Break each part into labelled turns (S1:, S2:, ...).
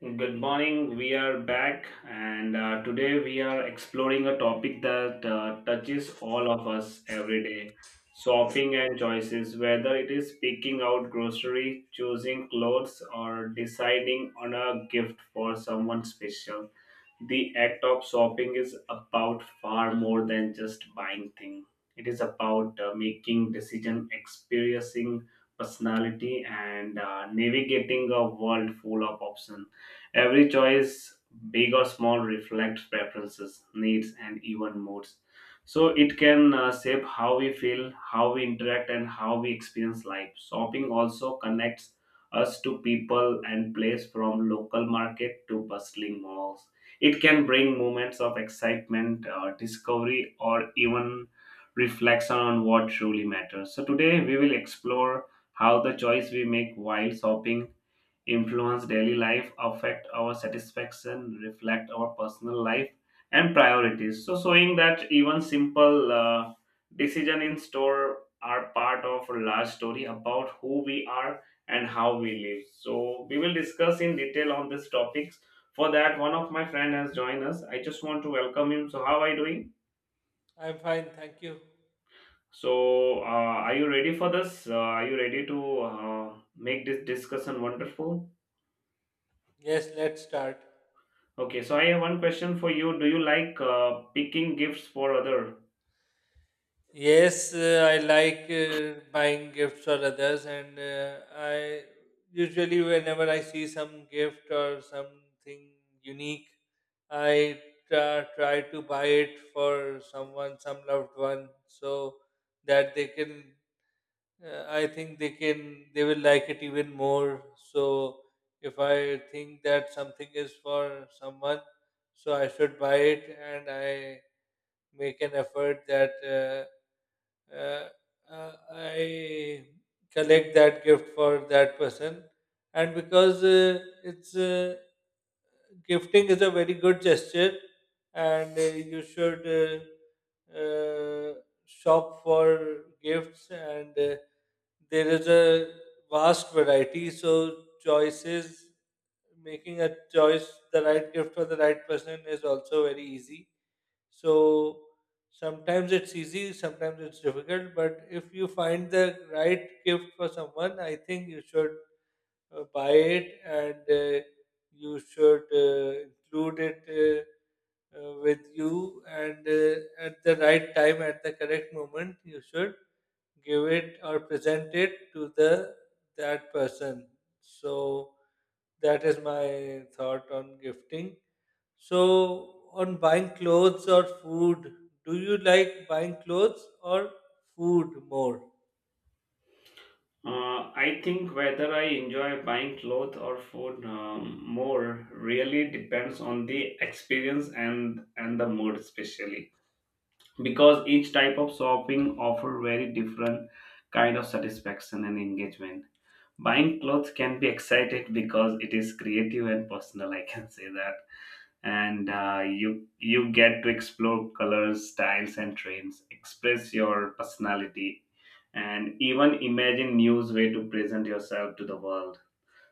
S1: Good morning. We are back, and today we are exploring a topic that touches all of us every day, shopping and choices, whether it is picking out grocery, choosing clothes, or deciding on a gift for someone special. The act of shopping is about far more than just buying things, it is about making decision, experiencing personality, and navigating a world full of options. Every choice, big or small, reflects preferences, needs, and even moods. So it can shape how we feel, how we interact, and how we experience life. Shopping also connects us to people and place from local market to bustling malls. It can bring moments of excitement, discovery, or even reflection on what truly matters. So today we will explore how the choice we make while shopping influence daily life, affect our satisfaction, reflect our personal life and priorities. So showing that even simple decision in store are part of a large story about who we are and how we live. So we will discuss in detail on these topics. For that, one of my friend has joined us. I just want to welcome him. So how are you doing?
S2: I'm fine, thank you.
S1: So, are you ready for this? Are you ready to make this discussion wonderful?
S2: Yes, let's start.
S1: Okay, so I have one question for you. Do you like picking gifts for other?
S2: Yes, I like buying gifts for others, and I usually, whenever I see some gift or something unique, I try to buy it for someone, some loved one, so that they can. I think they will like it even more. So, if I think that something is for someone, so I should buy it, and I make an effort that uh, I collect that gift for that person. And because it's gifting is a very good gesture, and you should uh, uh, shop for gifts, and there is a vast variety. So choices, making a choice, the right gift for the right person is also very easy. So sometimes it's easy, sometimes it's difficult, but if you find the right gift for someone, I think you should buy it, and you should include it with you. And at the right time, at the correct moment, you should give it or present it to the that person. So that is my thought on gifting. So, on buying clothes or food, do you like buying clothes or food more?
S1: I think whether I enjoy buying clothes or food more really depends on the experience and the mood, especially because each type of shopping offer very different kind of satisfaction and engagement. Buying clothes can be excited because it is creative and personal, I can say that, and you get to explore colors, styles, and trends, express your personality, and even imagine new way to present yourself to the world.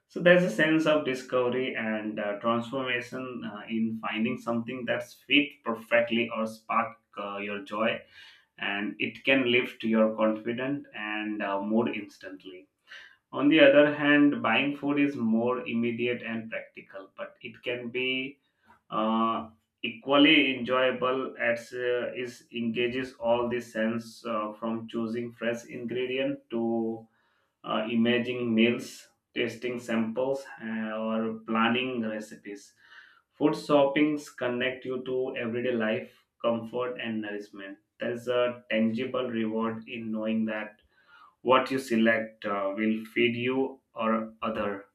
S1: So there's a sense of discovery and transformation in finding something that's fit perfectly or spark your joy, and it can lift your confidence and mood instantly. On the other hand, buying food is more immediate and practical, but it can be uh, equally enjoyable as is engages all the sense, from choosing fresh ingredient to imaging meals, tasting samples, or planning recipes. Food shoppings connect you to everyday life, comfort, and nourishment. There is a tangible reward in knowing that what you select will feed you or other,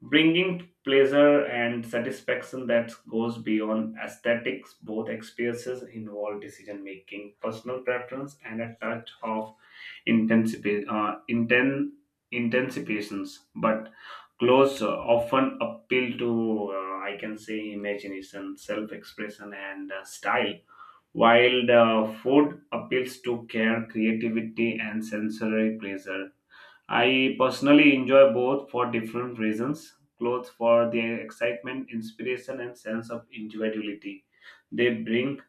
S1: bringing pleasure and satisfaction that goes beyond aesthetics. Both experiences involve decision making, personal preference, and a touch of intensifi- uh, inten- intensifications, but clothes often appeal to, I can say, imagination, self expression, and style, while the food appeals to care, creativity, and sensory pleasure. I personally enjoy both for different reasons. Clothes for their excitement, inspiration, and sense of individuality they bring,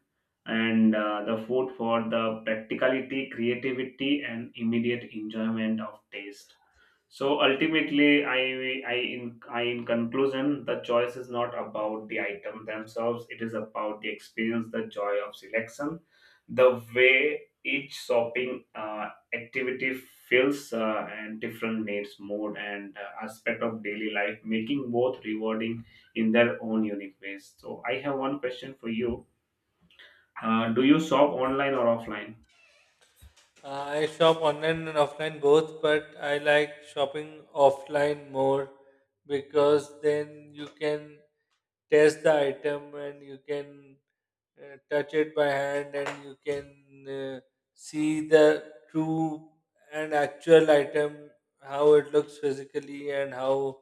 S1: and the food for the practicality, creativity, and immediate enjoyment of taste. So ultimately, I in conclusion, the choice is not about the item themselves. It is about the experience, the joy of selection, the way each shopping activity feels, and different needs, mood, and aspect of daily life, making both rewarding in their own unique ways. So I have one question for you: do you shop online or offline?
S2: I shop online and offline both, but I like shopping offline more because then you can test the item, and you can touch it by hand, and you can see the true and actual item, how it looks physically, and how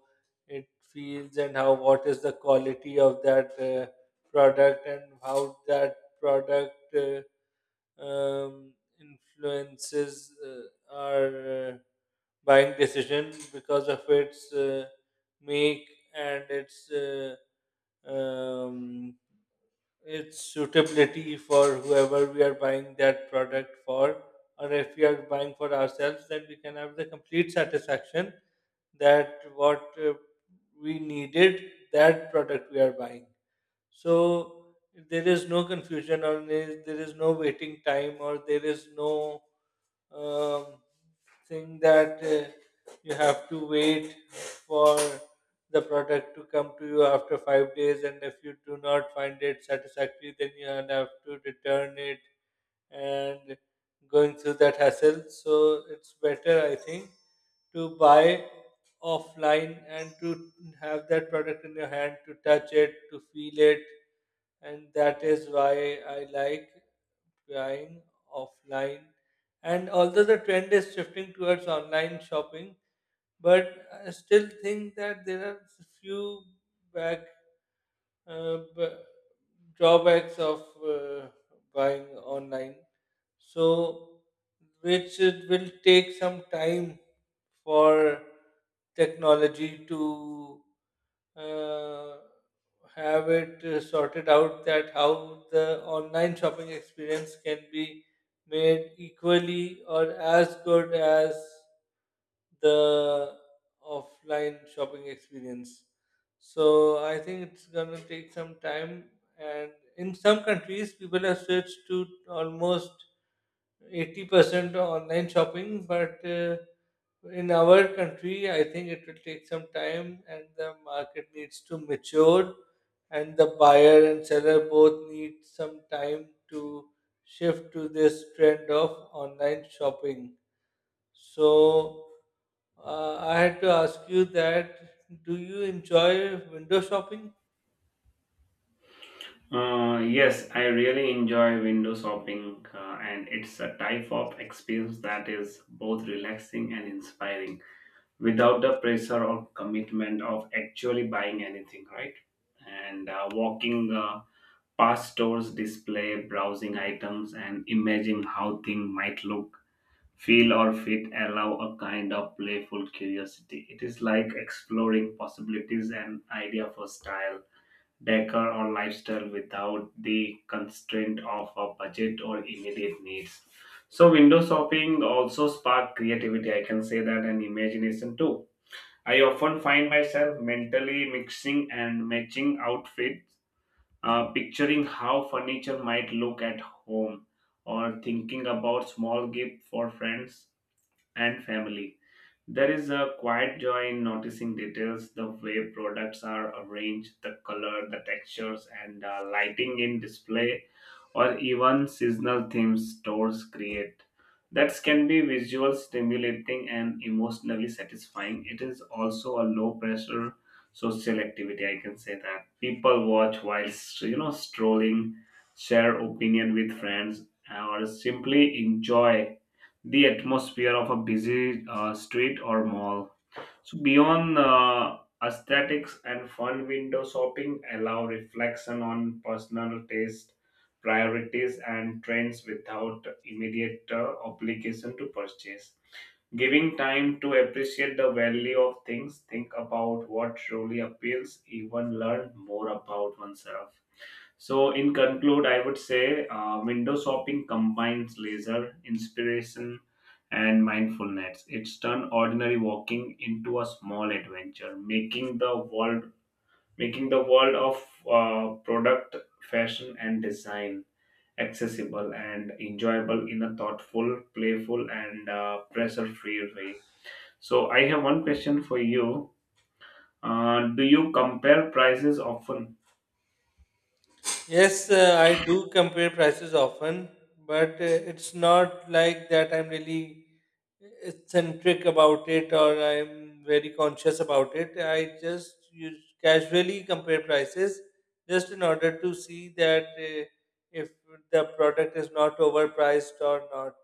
S2: it feels, and how, what is the quality of that product, and how that product um, influences our uh, buying decision because of its make and um, its suitability for whoever we are buying that product for, or if we are buying for ourselves, then we can have the complete satisfaction that what we needed, that product we are buying. So there is no confusion, or there is no waiting time, or there is no um, thing that you have to wait for the product to come to you after 5 days, and if you do not find it satisfactory, then you have to return it and going through that hassle. So it's better, I think, to buy offline and to have that product in your hand, to touch it, to feel it, and that is why I like buying offline. And although the trend is shifting towards online shopping, but I still think that there are few back uh, b- drawbacks of buying online. So, which it will take some time for technology to uh, have it sorted out, that how the online shopping experience can be made equally or as good as the offline shopping experience. So I think it's going to take some time, and in some countries, people have switched to almost 80% online shopping, but in our country, I think it will take some time, and the market needs to mature, and the buyer and seller both need some time to shift to this trend of online shopping. So, I had to ask you that, do you enjoy window shopping?
S1: Yes, I really enjoy window shopping, and it's a type of experience that is both relaxing and inspiring without the pressure or commitment of actually buying anything, right? And walking past stores, display, browsing items, and imagining how things might look, feel, or fit allow a kind of playful curiosity. It is like exploring possibilities and idea for style, decor, or lifestyle without the constraint of a budget or immediate needs. So, window shopping also spark creativity, I can say that, and imagination too. I often find myself mentally mixing and matching outfits, picturing how furniture might look at home, or thinking about small gift for friends and family. There is a quiet joy in noticing details, the way products are arranged, the color, the textures, and lighting in display, or even seasonal themes stores create. That can be visual stimulating and emotionally satisfying. It is also a low pressure social activity. I can say that, people watch while, you know, strolling, share opinion with friends, or simply enjoy the atmosphere of a busy street or mall. So beyond aesthetics and fun, window shopping allow reflection on personal taste, priorities, and trends without immediate obligation to purchase. Giving time to appreciate the value of things, think about what truly appeals, even learn more about oneself. So, in conclude, I would say window shopping combines leisure, inspiration, and mindfulness. It's turned ordinary walking into a small adventure, making the world of product, fashion, and design accessible and enjoyable in a thoughtful, playful, and pressure-free way. So, I have one question for you. Do you compare prices often?
S2: Yes, I do compare prices often, but it's not like that I'm really eccentric about it, or I'm very conscious about it. I just use casually compare prices just in order to see that if the product is not overpriced or not.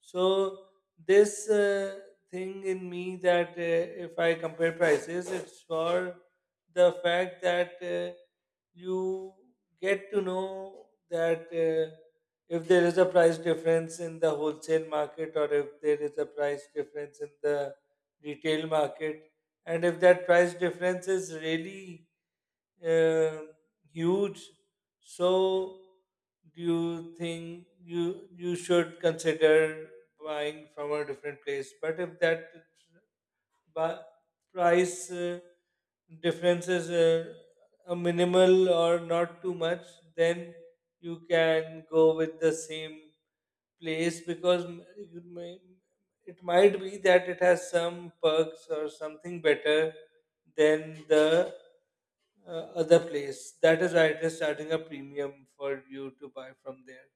S2: So this thing in me, that if I compare prices, it's for the fact that you get to know that. Uh, if there is a price difference in the wholesale market, or if there is a price difference in the retail market, and if that price difference is really uh, huge, so do you think you should consider buying from a different place? But if that bu- price difference is a minimal or not too much, then you can go with the same place, because it might be that it has some perks or something better than the other place. That is why it is charging a premium for you to buy from there.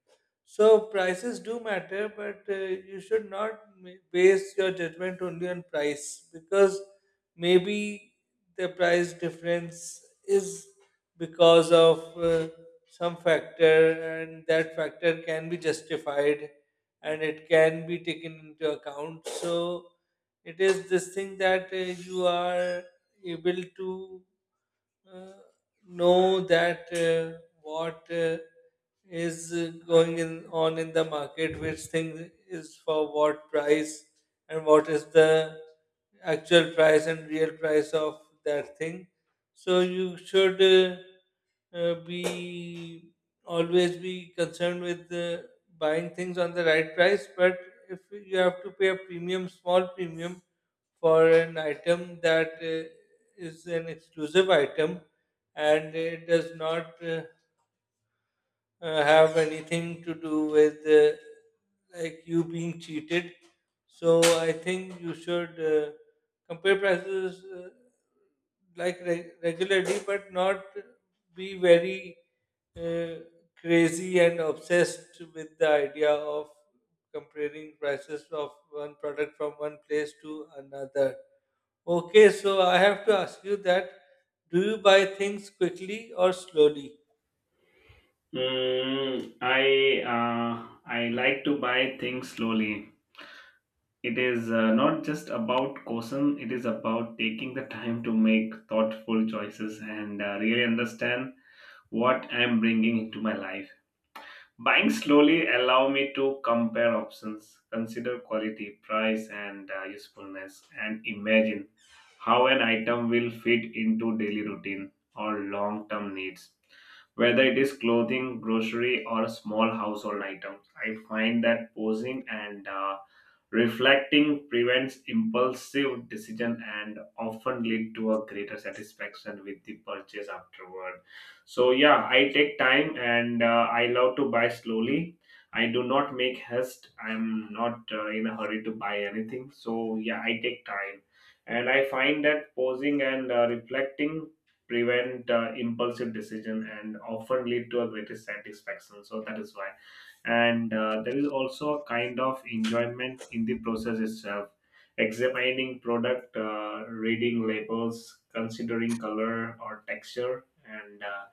S2: So prices do matter, but you should not base your judgment only on price, because maybe the price difference is because of some factor, and that factor can be justified and it can be taken into account. So it is this thing that you are able to uh, know that what is on in the market, which thing is for what price, and what is the actual price and real price of that thing. So you should be always be concerned with buying things on the right price, but if you have to pay a premium, small premium, for an item that is an exclusive item, and it does not have anything to do with like you being cheated. So I think you should compare prices like regularly, but not be very uh, crazy and obsessed with the idea of comparing prices of one product from one place to another. Okay, so I have to ask you that, do you buy things quickly or slowly?
S1: Mm, I like to buy things slowly. It is not just about caution, it is about taking the time to make thoughtful choices and really understand what I'm bringing into my life. Buying slowly allow me to compare options, consider quality, price, and usefulness, and imagine how an item will fit into daily routine or long-term needs. Whether it is clothing, grocery, or small household items, I find that pausing and reflecting prevents impulsive decision and often lead to a greater satisfaction with the purchase afterward. So yeah, I take time, and I love to buy slowly. I do not make haste. I'm not in a hurry to buy anything. So yeah, I take time, and I find that pausing and reflecting prevent impulsive decision and often lead to a greater satisfaction. So that is why, and there is also a kind of enjoyment in the process itself, examining product, reading labels, considering color or texture, and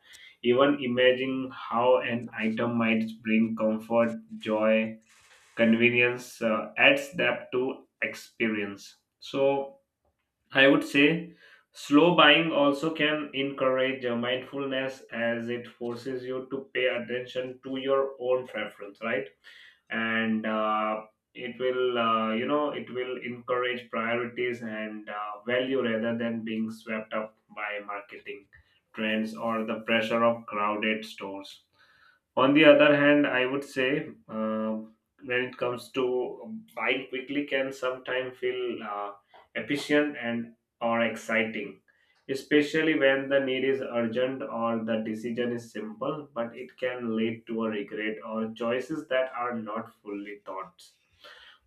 S1: even imagining how an item might bring comfort, joy, convenience adds depth to experience. So, I would say slow buying also can encourage mindfulness as it forces you to pay attention to your own preference, right? And it will, you know, it will encourage priorities and value rather than being swept up by marketing trends or the pressure of crowded stores. On the other hand, I would say, when it comes to buying quickly can sometimes feel efficient and or exciting, especially when the need is urgent or the decision is simple, but it can lead to a regret or choices that are not fully thought.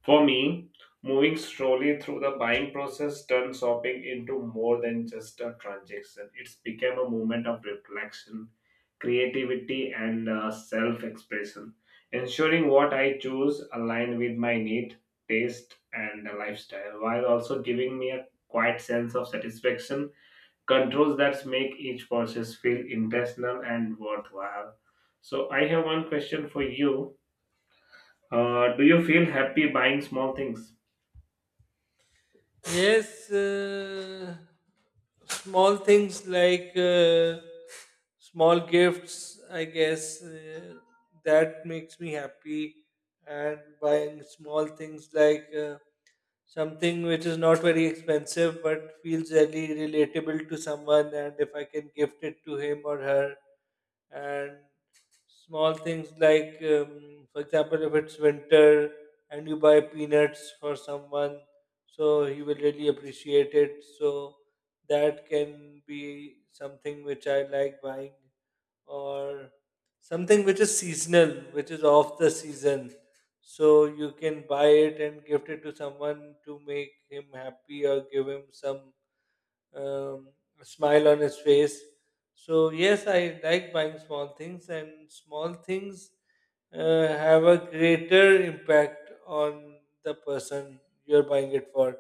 S1: For me, moving slowly through the buying process turned shopping into more than just a transaction. It's became a moment of reflection, creativity, and self-expression, ensuring what I choose align with my need, taste, and lifestyle, while also giving me a quiet sense of satisfaction. Controls that make each purchase feel intentional and worthwhile. So I have one question for you. Do you feel happy buying small things?
S2: Yes, small things like small gifts, I guess, that makes me happy. And buying small things like something which is not very expensive but feels really relatable to someone, and if I can gift it to him or her, and small things like for example, if it's winter and you buy peanuts for someone, so he will really appreciate it, so that can be something which I like buying. Or something which is seasonal, which is off the season, so you can buy it and gift it to someone to make him happy, or give him some um, smile on his face. So, yes, I like buying small things, and small things have a greater impact on the person you're buying it for,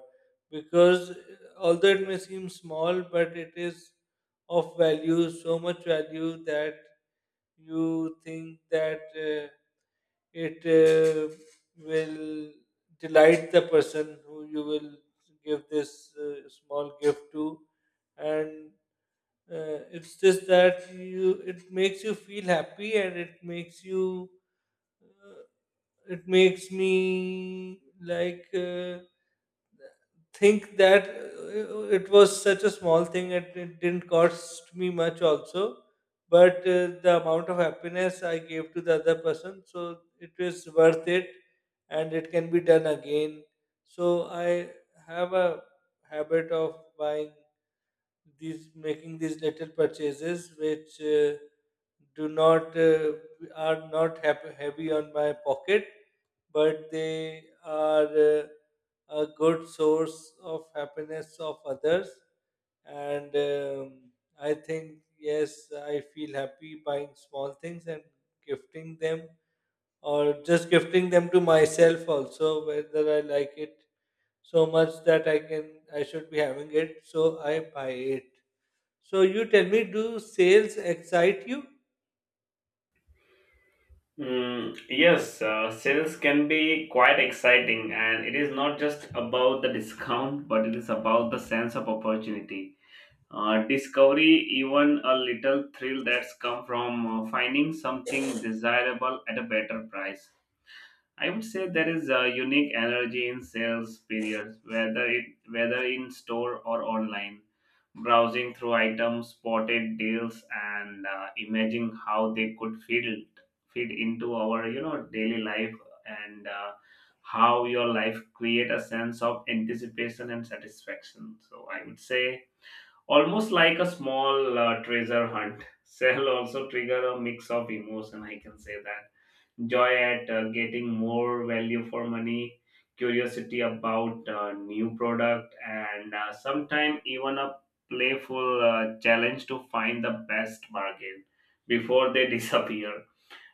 S2: because although it may seem small, but it is of value, so much value, that you think that it will delight the person who you will give this small gift to. And it's just that you, it makes you feel happy, and it makes you, it makes me like think that it was such a small thing and it didn't cost me much also, but the amount of happiness I gave to the other person, so it was worth it, and it can be done again. So I have a habit of buying these, making these little purchases, which do not, are not heavy on my pocket, but they are a good source of happiness of others. And I think yes, I feel happy buying small things and gifting them, or just gifting them to myself also, whether I like it so much that I should be having it, so I buy it. So you tell me, do sales excite you?
S1: Mm, yes, sales can be quite exciting, and it is not just about the discount, but it is about the sense of opportunity. Discovery, even a little thrill that's come from finding something desirable at a better price. I would say there is a unique energy in sales periods, whether in store or online. Browsing through items, spotted deals, and imagining how they could fit into our, you know, daily life, and how your life create a sense of anticipation and satisfaction. So I would say almost like a small treasure hunt. Sale also trigger a mix of emotion. I can say that joy at getting more value for money, curiosity about new product, and sometimes even a playful challenge to find the best bargain before they disappear.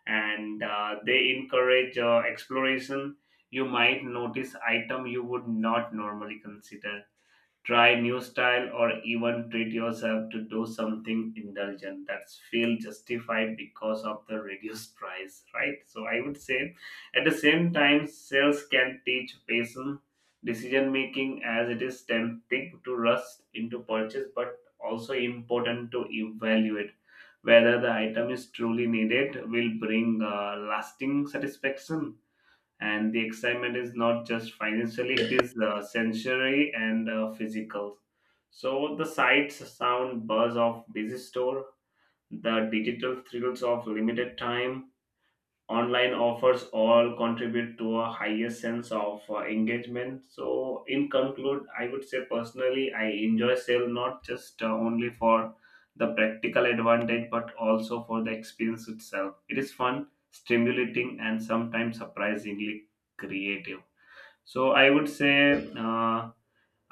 S1: And they encourage exploration. You might notice item you would not normally consider, try new style, or even treat yourself to do something indulgent that's feel justified because of the reduced price, right? So I would say at the same time sales can teach patience, decision making, as it is tempting to rush into purchase but also important to evaluate whether the item is truly needed, will bring lasting satisfaction. And the excitement is not just financially, it is sensory and physical. So the sights, sound, buzz of busy store, the digital thrills of limited time online offers all contribute to a higher sense of engagement. So in conclude, I would say personally I enjoy sale, not just only for the practical advantage, but also for the experience itself. It is fun, stimulating, and sometimes surprisingly creative. So I would say,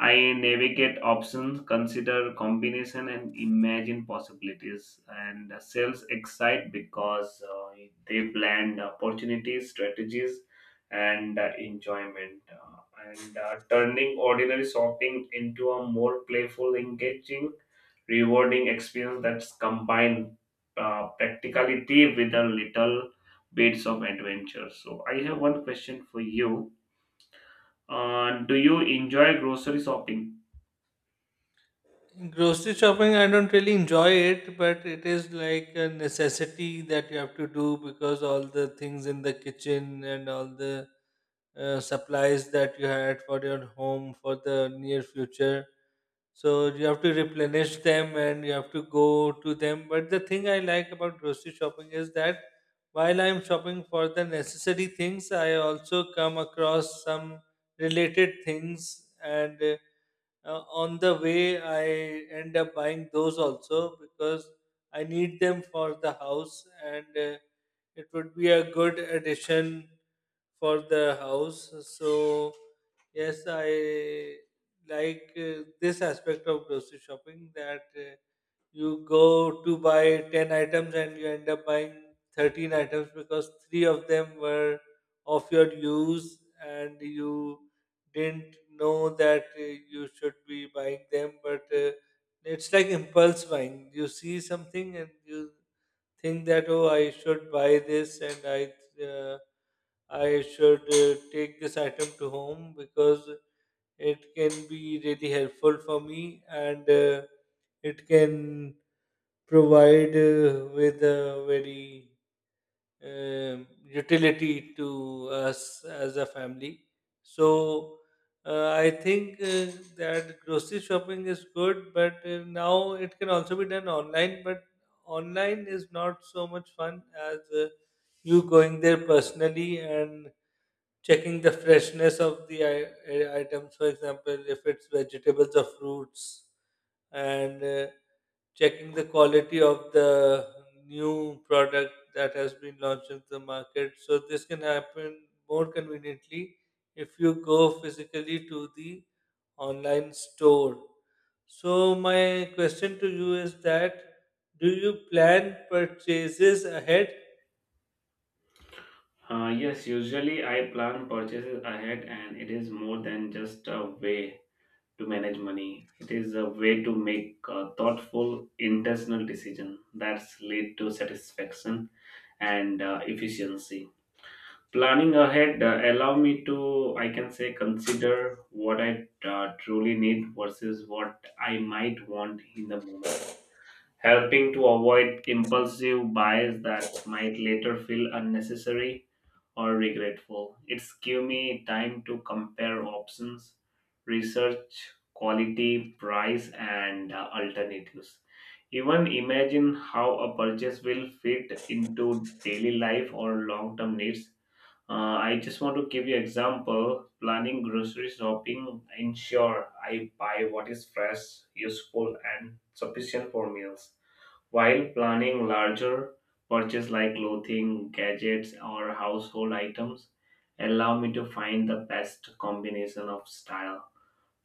S1: I navigate options, consider combination, and imagine possibilities. And sales excite because they blend opportunities, strategies, and enjoyment. And Turning ordinary shopping into a more playful, engaging, rewarding experience that's combined practicality with a little bits of adventure. So I have one question for you. Do you enjoy grocery shopping?
S2: Grocery shopping, I don't really enjoy it, but it is like a necessity that you have to do, because all the things in the kitchen and all the supplies that you had for your home for the near future. So you have to replenish them and you have to go to them. But the thing I like about grocery shopping is that while I'm shopping for the necessary things, I also come across some related things, and on the way, I end up buying those also, because I need them for the house, and it would be a good addition for the house. So yes, I like this aspect of grocery shopping, that you go to buy 10 items and you end up buying 13 items, because three of them were of your use and you didn't know that you should be buying them. But it's like impulse buying, you see something and you think that, oh, I should buy this, and uh, I should take this item to home, because it can be really helpful for me, and it can provide with a very utility to us as a family. So I think that grocery shopping is good, but now it can also be done online. But online is not so much fun as you going there personally and checking the freshness of the items, for example, if it's vegetables or fruits, and checking the quality of the new product that has been launched in the market. So this can happen more conveniently if you go physically to the online store. So my question to you is that, do you plan purchases ahead?
S1: Yes, usually I plan purchases ahead, and it is more than just a way to manage money. It is a way to make a thoughtful, intentional decision that's lead to satisfaction and efficiency. Planning ahead allow me to, I can say, consider what I truly need versus what I might want in the moment, helping to avoid impulsive buys that might later feel unnecessary or regretful. It's give me time to compare options, research quality, price, and alternatives. Even imagine how a purchase will fit into daily life or long-term needs. I just want to give you example. Planning grocery shopping ensure I buy what is fresh, useful, and sufficient for meals, while planning larger purchases like clothing, gadgets, or household items, allow me to find the best combination of style,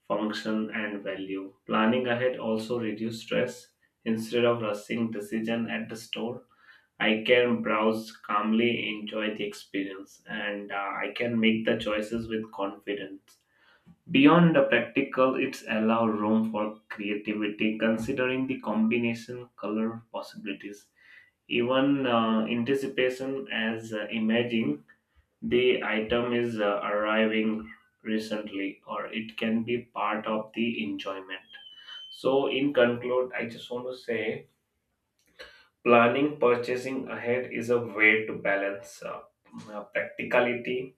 S1: function, and value. Planning ahead also reduces stress. Instead of rushing decision at the store, I can browse calmly, enjoy the experience, and I can make the choices with confidence. Beyond the practical, it's allow room for creativity, considering the combination color possibilities, even anticipation as imaging the item is arriving recently or it can be part of the enjoyment. So in conclude, I just want to say planning purchasing ahead is a way to balance practicality,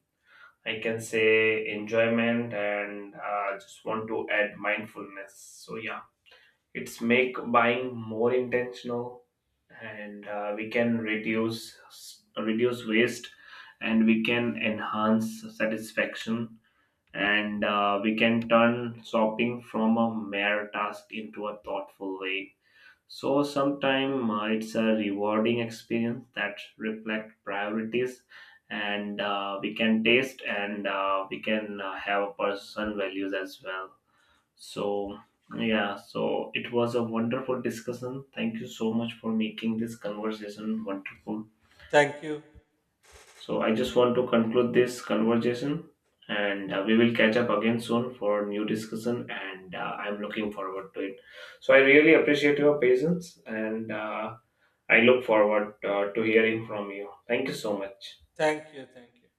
S1: I can say, enjoyment, and just want to add mindfulness. So yeah, it's make buying more intentional, and we can reduce waste, and we can enhance satisfaction, and we can turn shopping from a mere task into a thoughtful way. So sometimes it's a rewarding experience that reflect priorities, and we can taste and we can have a person values as well. So, yeah, so it was a wonderful discussion. Thank you so much for making this conversation wonderful.
S2: thank you
S1: So, I just want to conclude this conversation, and we will catch up again soon for new discussion, and I'm looking forward to it. So, I really appreciate your patience, and I look forward to hearing from you. Thank you so much.
S2: thank you Thank you.